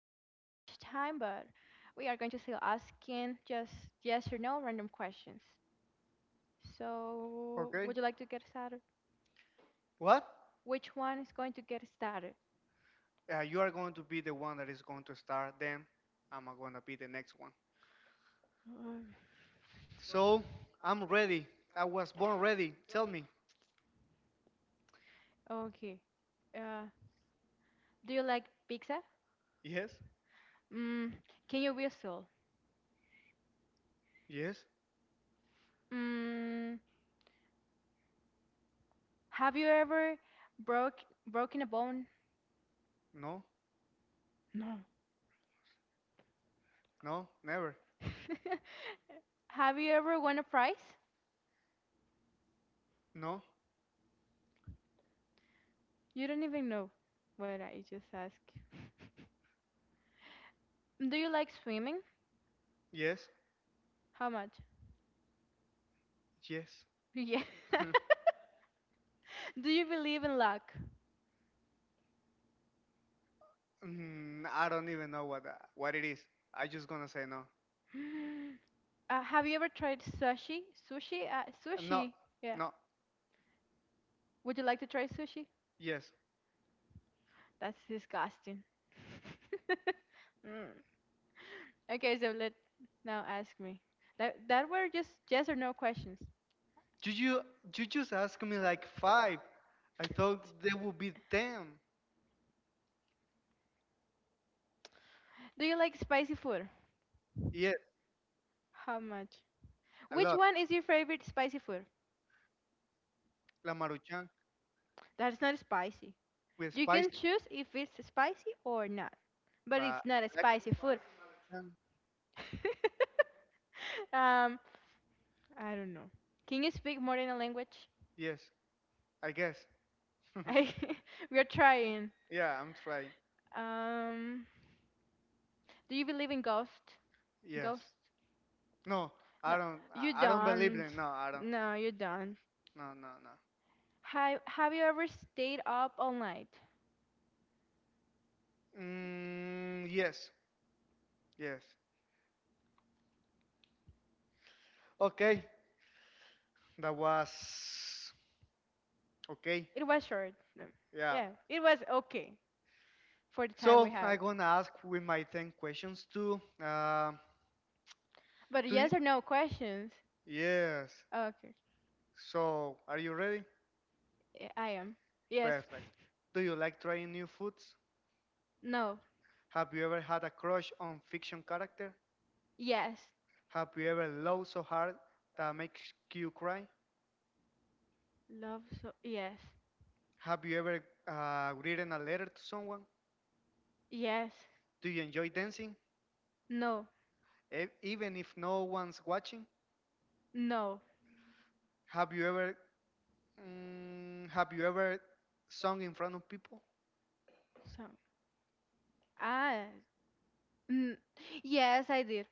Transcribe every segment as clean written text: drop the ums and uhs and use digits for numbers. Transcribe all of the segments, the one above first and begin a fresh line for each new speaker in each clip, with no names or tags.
time, but we are going to still asking just yes or no random questions. So,
Okay.
would you like to get started?
What?
Which one is going to get started?
You are going to be the one that is going to start. Then I'm going to be the next one.
Uh,
So I'm ready. I was born ready. Tell me.
Okay. Uh, do you like pizza?
Yes.
Mm, can you whistle?
Yes.
Mm, have you ever broke broken a bone?
No.
No.
No. Never.
Have you ever won a prize?
No.
You don't even know what I just asked. Do you like swimming?
Yes.
How much?
Yes.
Yeah. Do you believe in luck?
I don't even know what it is. I just gonna say no.
Have you ever tried sushi? Sushi?
No.
Sushi. Yeah.
No.
Would you like to try sushi?
Yes.
That's disgusting. Mm. Okay, so let now ask me. That were just yes or no questions.
Did you just asked me like five? I thought there would be 10.
Do you like spicy food?
Yes,
How much?
a
Which
lot.
one is your favorite spicy food?
La Maruchan
That's not spicy.
with
You
spice,
can choose if it's spicy or not, but
but
it's not a spicy food.
Um,
um, I don't know. Can you speak more than a language?
yes, I guess.
I, we are trying.
Yeah, I'm trying.
Um, do you believe in ghost?
Yes.
Ghosts?
No,
No,
I don't.
you
I don't believe
don't.
them. No, I don't.
No, you don't.
No, no, no.
Have you ever stayed up all night?
Mm, yes, yes. Okay, that was okay.
It was short. No.
Yeah.
Yeah, it was okay for the time we
So
have.
I'm gonna ask with my 10 questions too.
But
Do you,
yes or no questions?
yes.
Okay,
So are you ready?
I am. Yes.
Perfect. Do you like trying new foods?
No.
Have you ever had a crush on fiction character?
Yes.
Have you ever laughed so hard that makes you cry?
Love so yes.
Have you ever written a letter to someone?
Yes.
Do you enjoy dancing,
No.
even if no one's watching?
No.
Have you ever have you ever sung in front of people?
So ah n- yes, I did.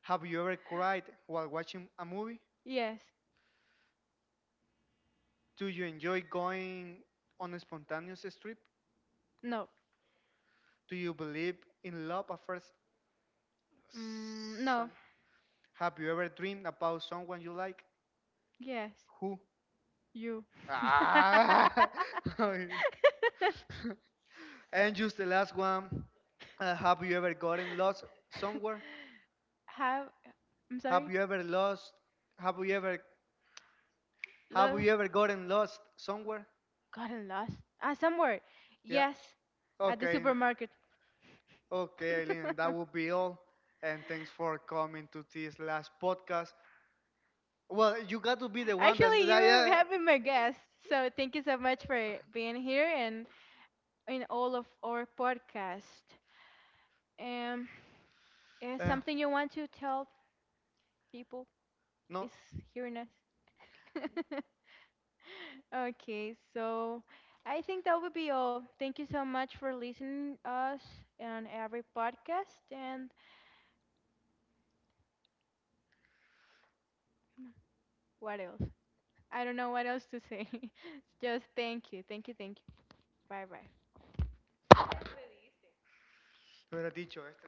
Have you ever cried while watching a movie?
Yes.
Do you enjoy going on a spontaneous trip?
No.
Do you believe in love at first
Mm, no.
sight? Have you ever dreamed about someone you like?
Yes.
Who?
You.
Ah! And just the last one. Have you ever gotten lost somewhere?
Have I'm
Have
sorry.
you ever lost? Have you ever? Have
Love
you ever gotten lost somewhere?
gotten lost? Ah, somewhere.
Yeah.
Yes. At the
Okay.
supermarket.
Okay, Eileen. That will be all. And thanks for coming to this last podcast. Well, you got to be the one that.
Actually, you
that yeah.
have been my guest, so thank you so much for being here and in all of our podcast. Um, is
Uh,
something you want to tell people
no.
is hearing us? Okay, so I think that would be all. Thank you so much for listening us on every podcast and what else? I don't know what else to say. Just thank you, thank you, thank you. Bye bye.
Lo hubiera dicho este.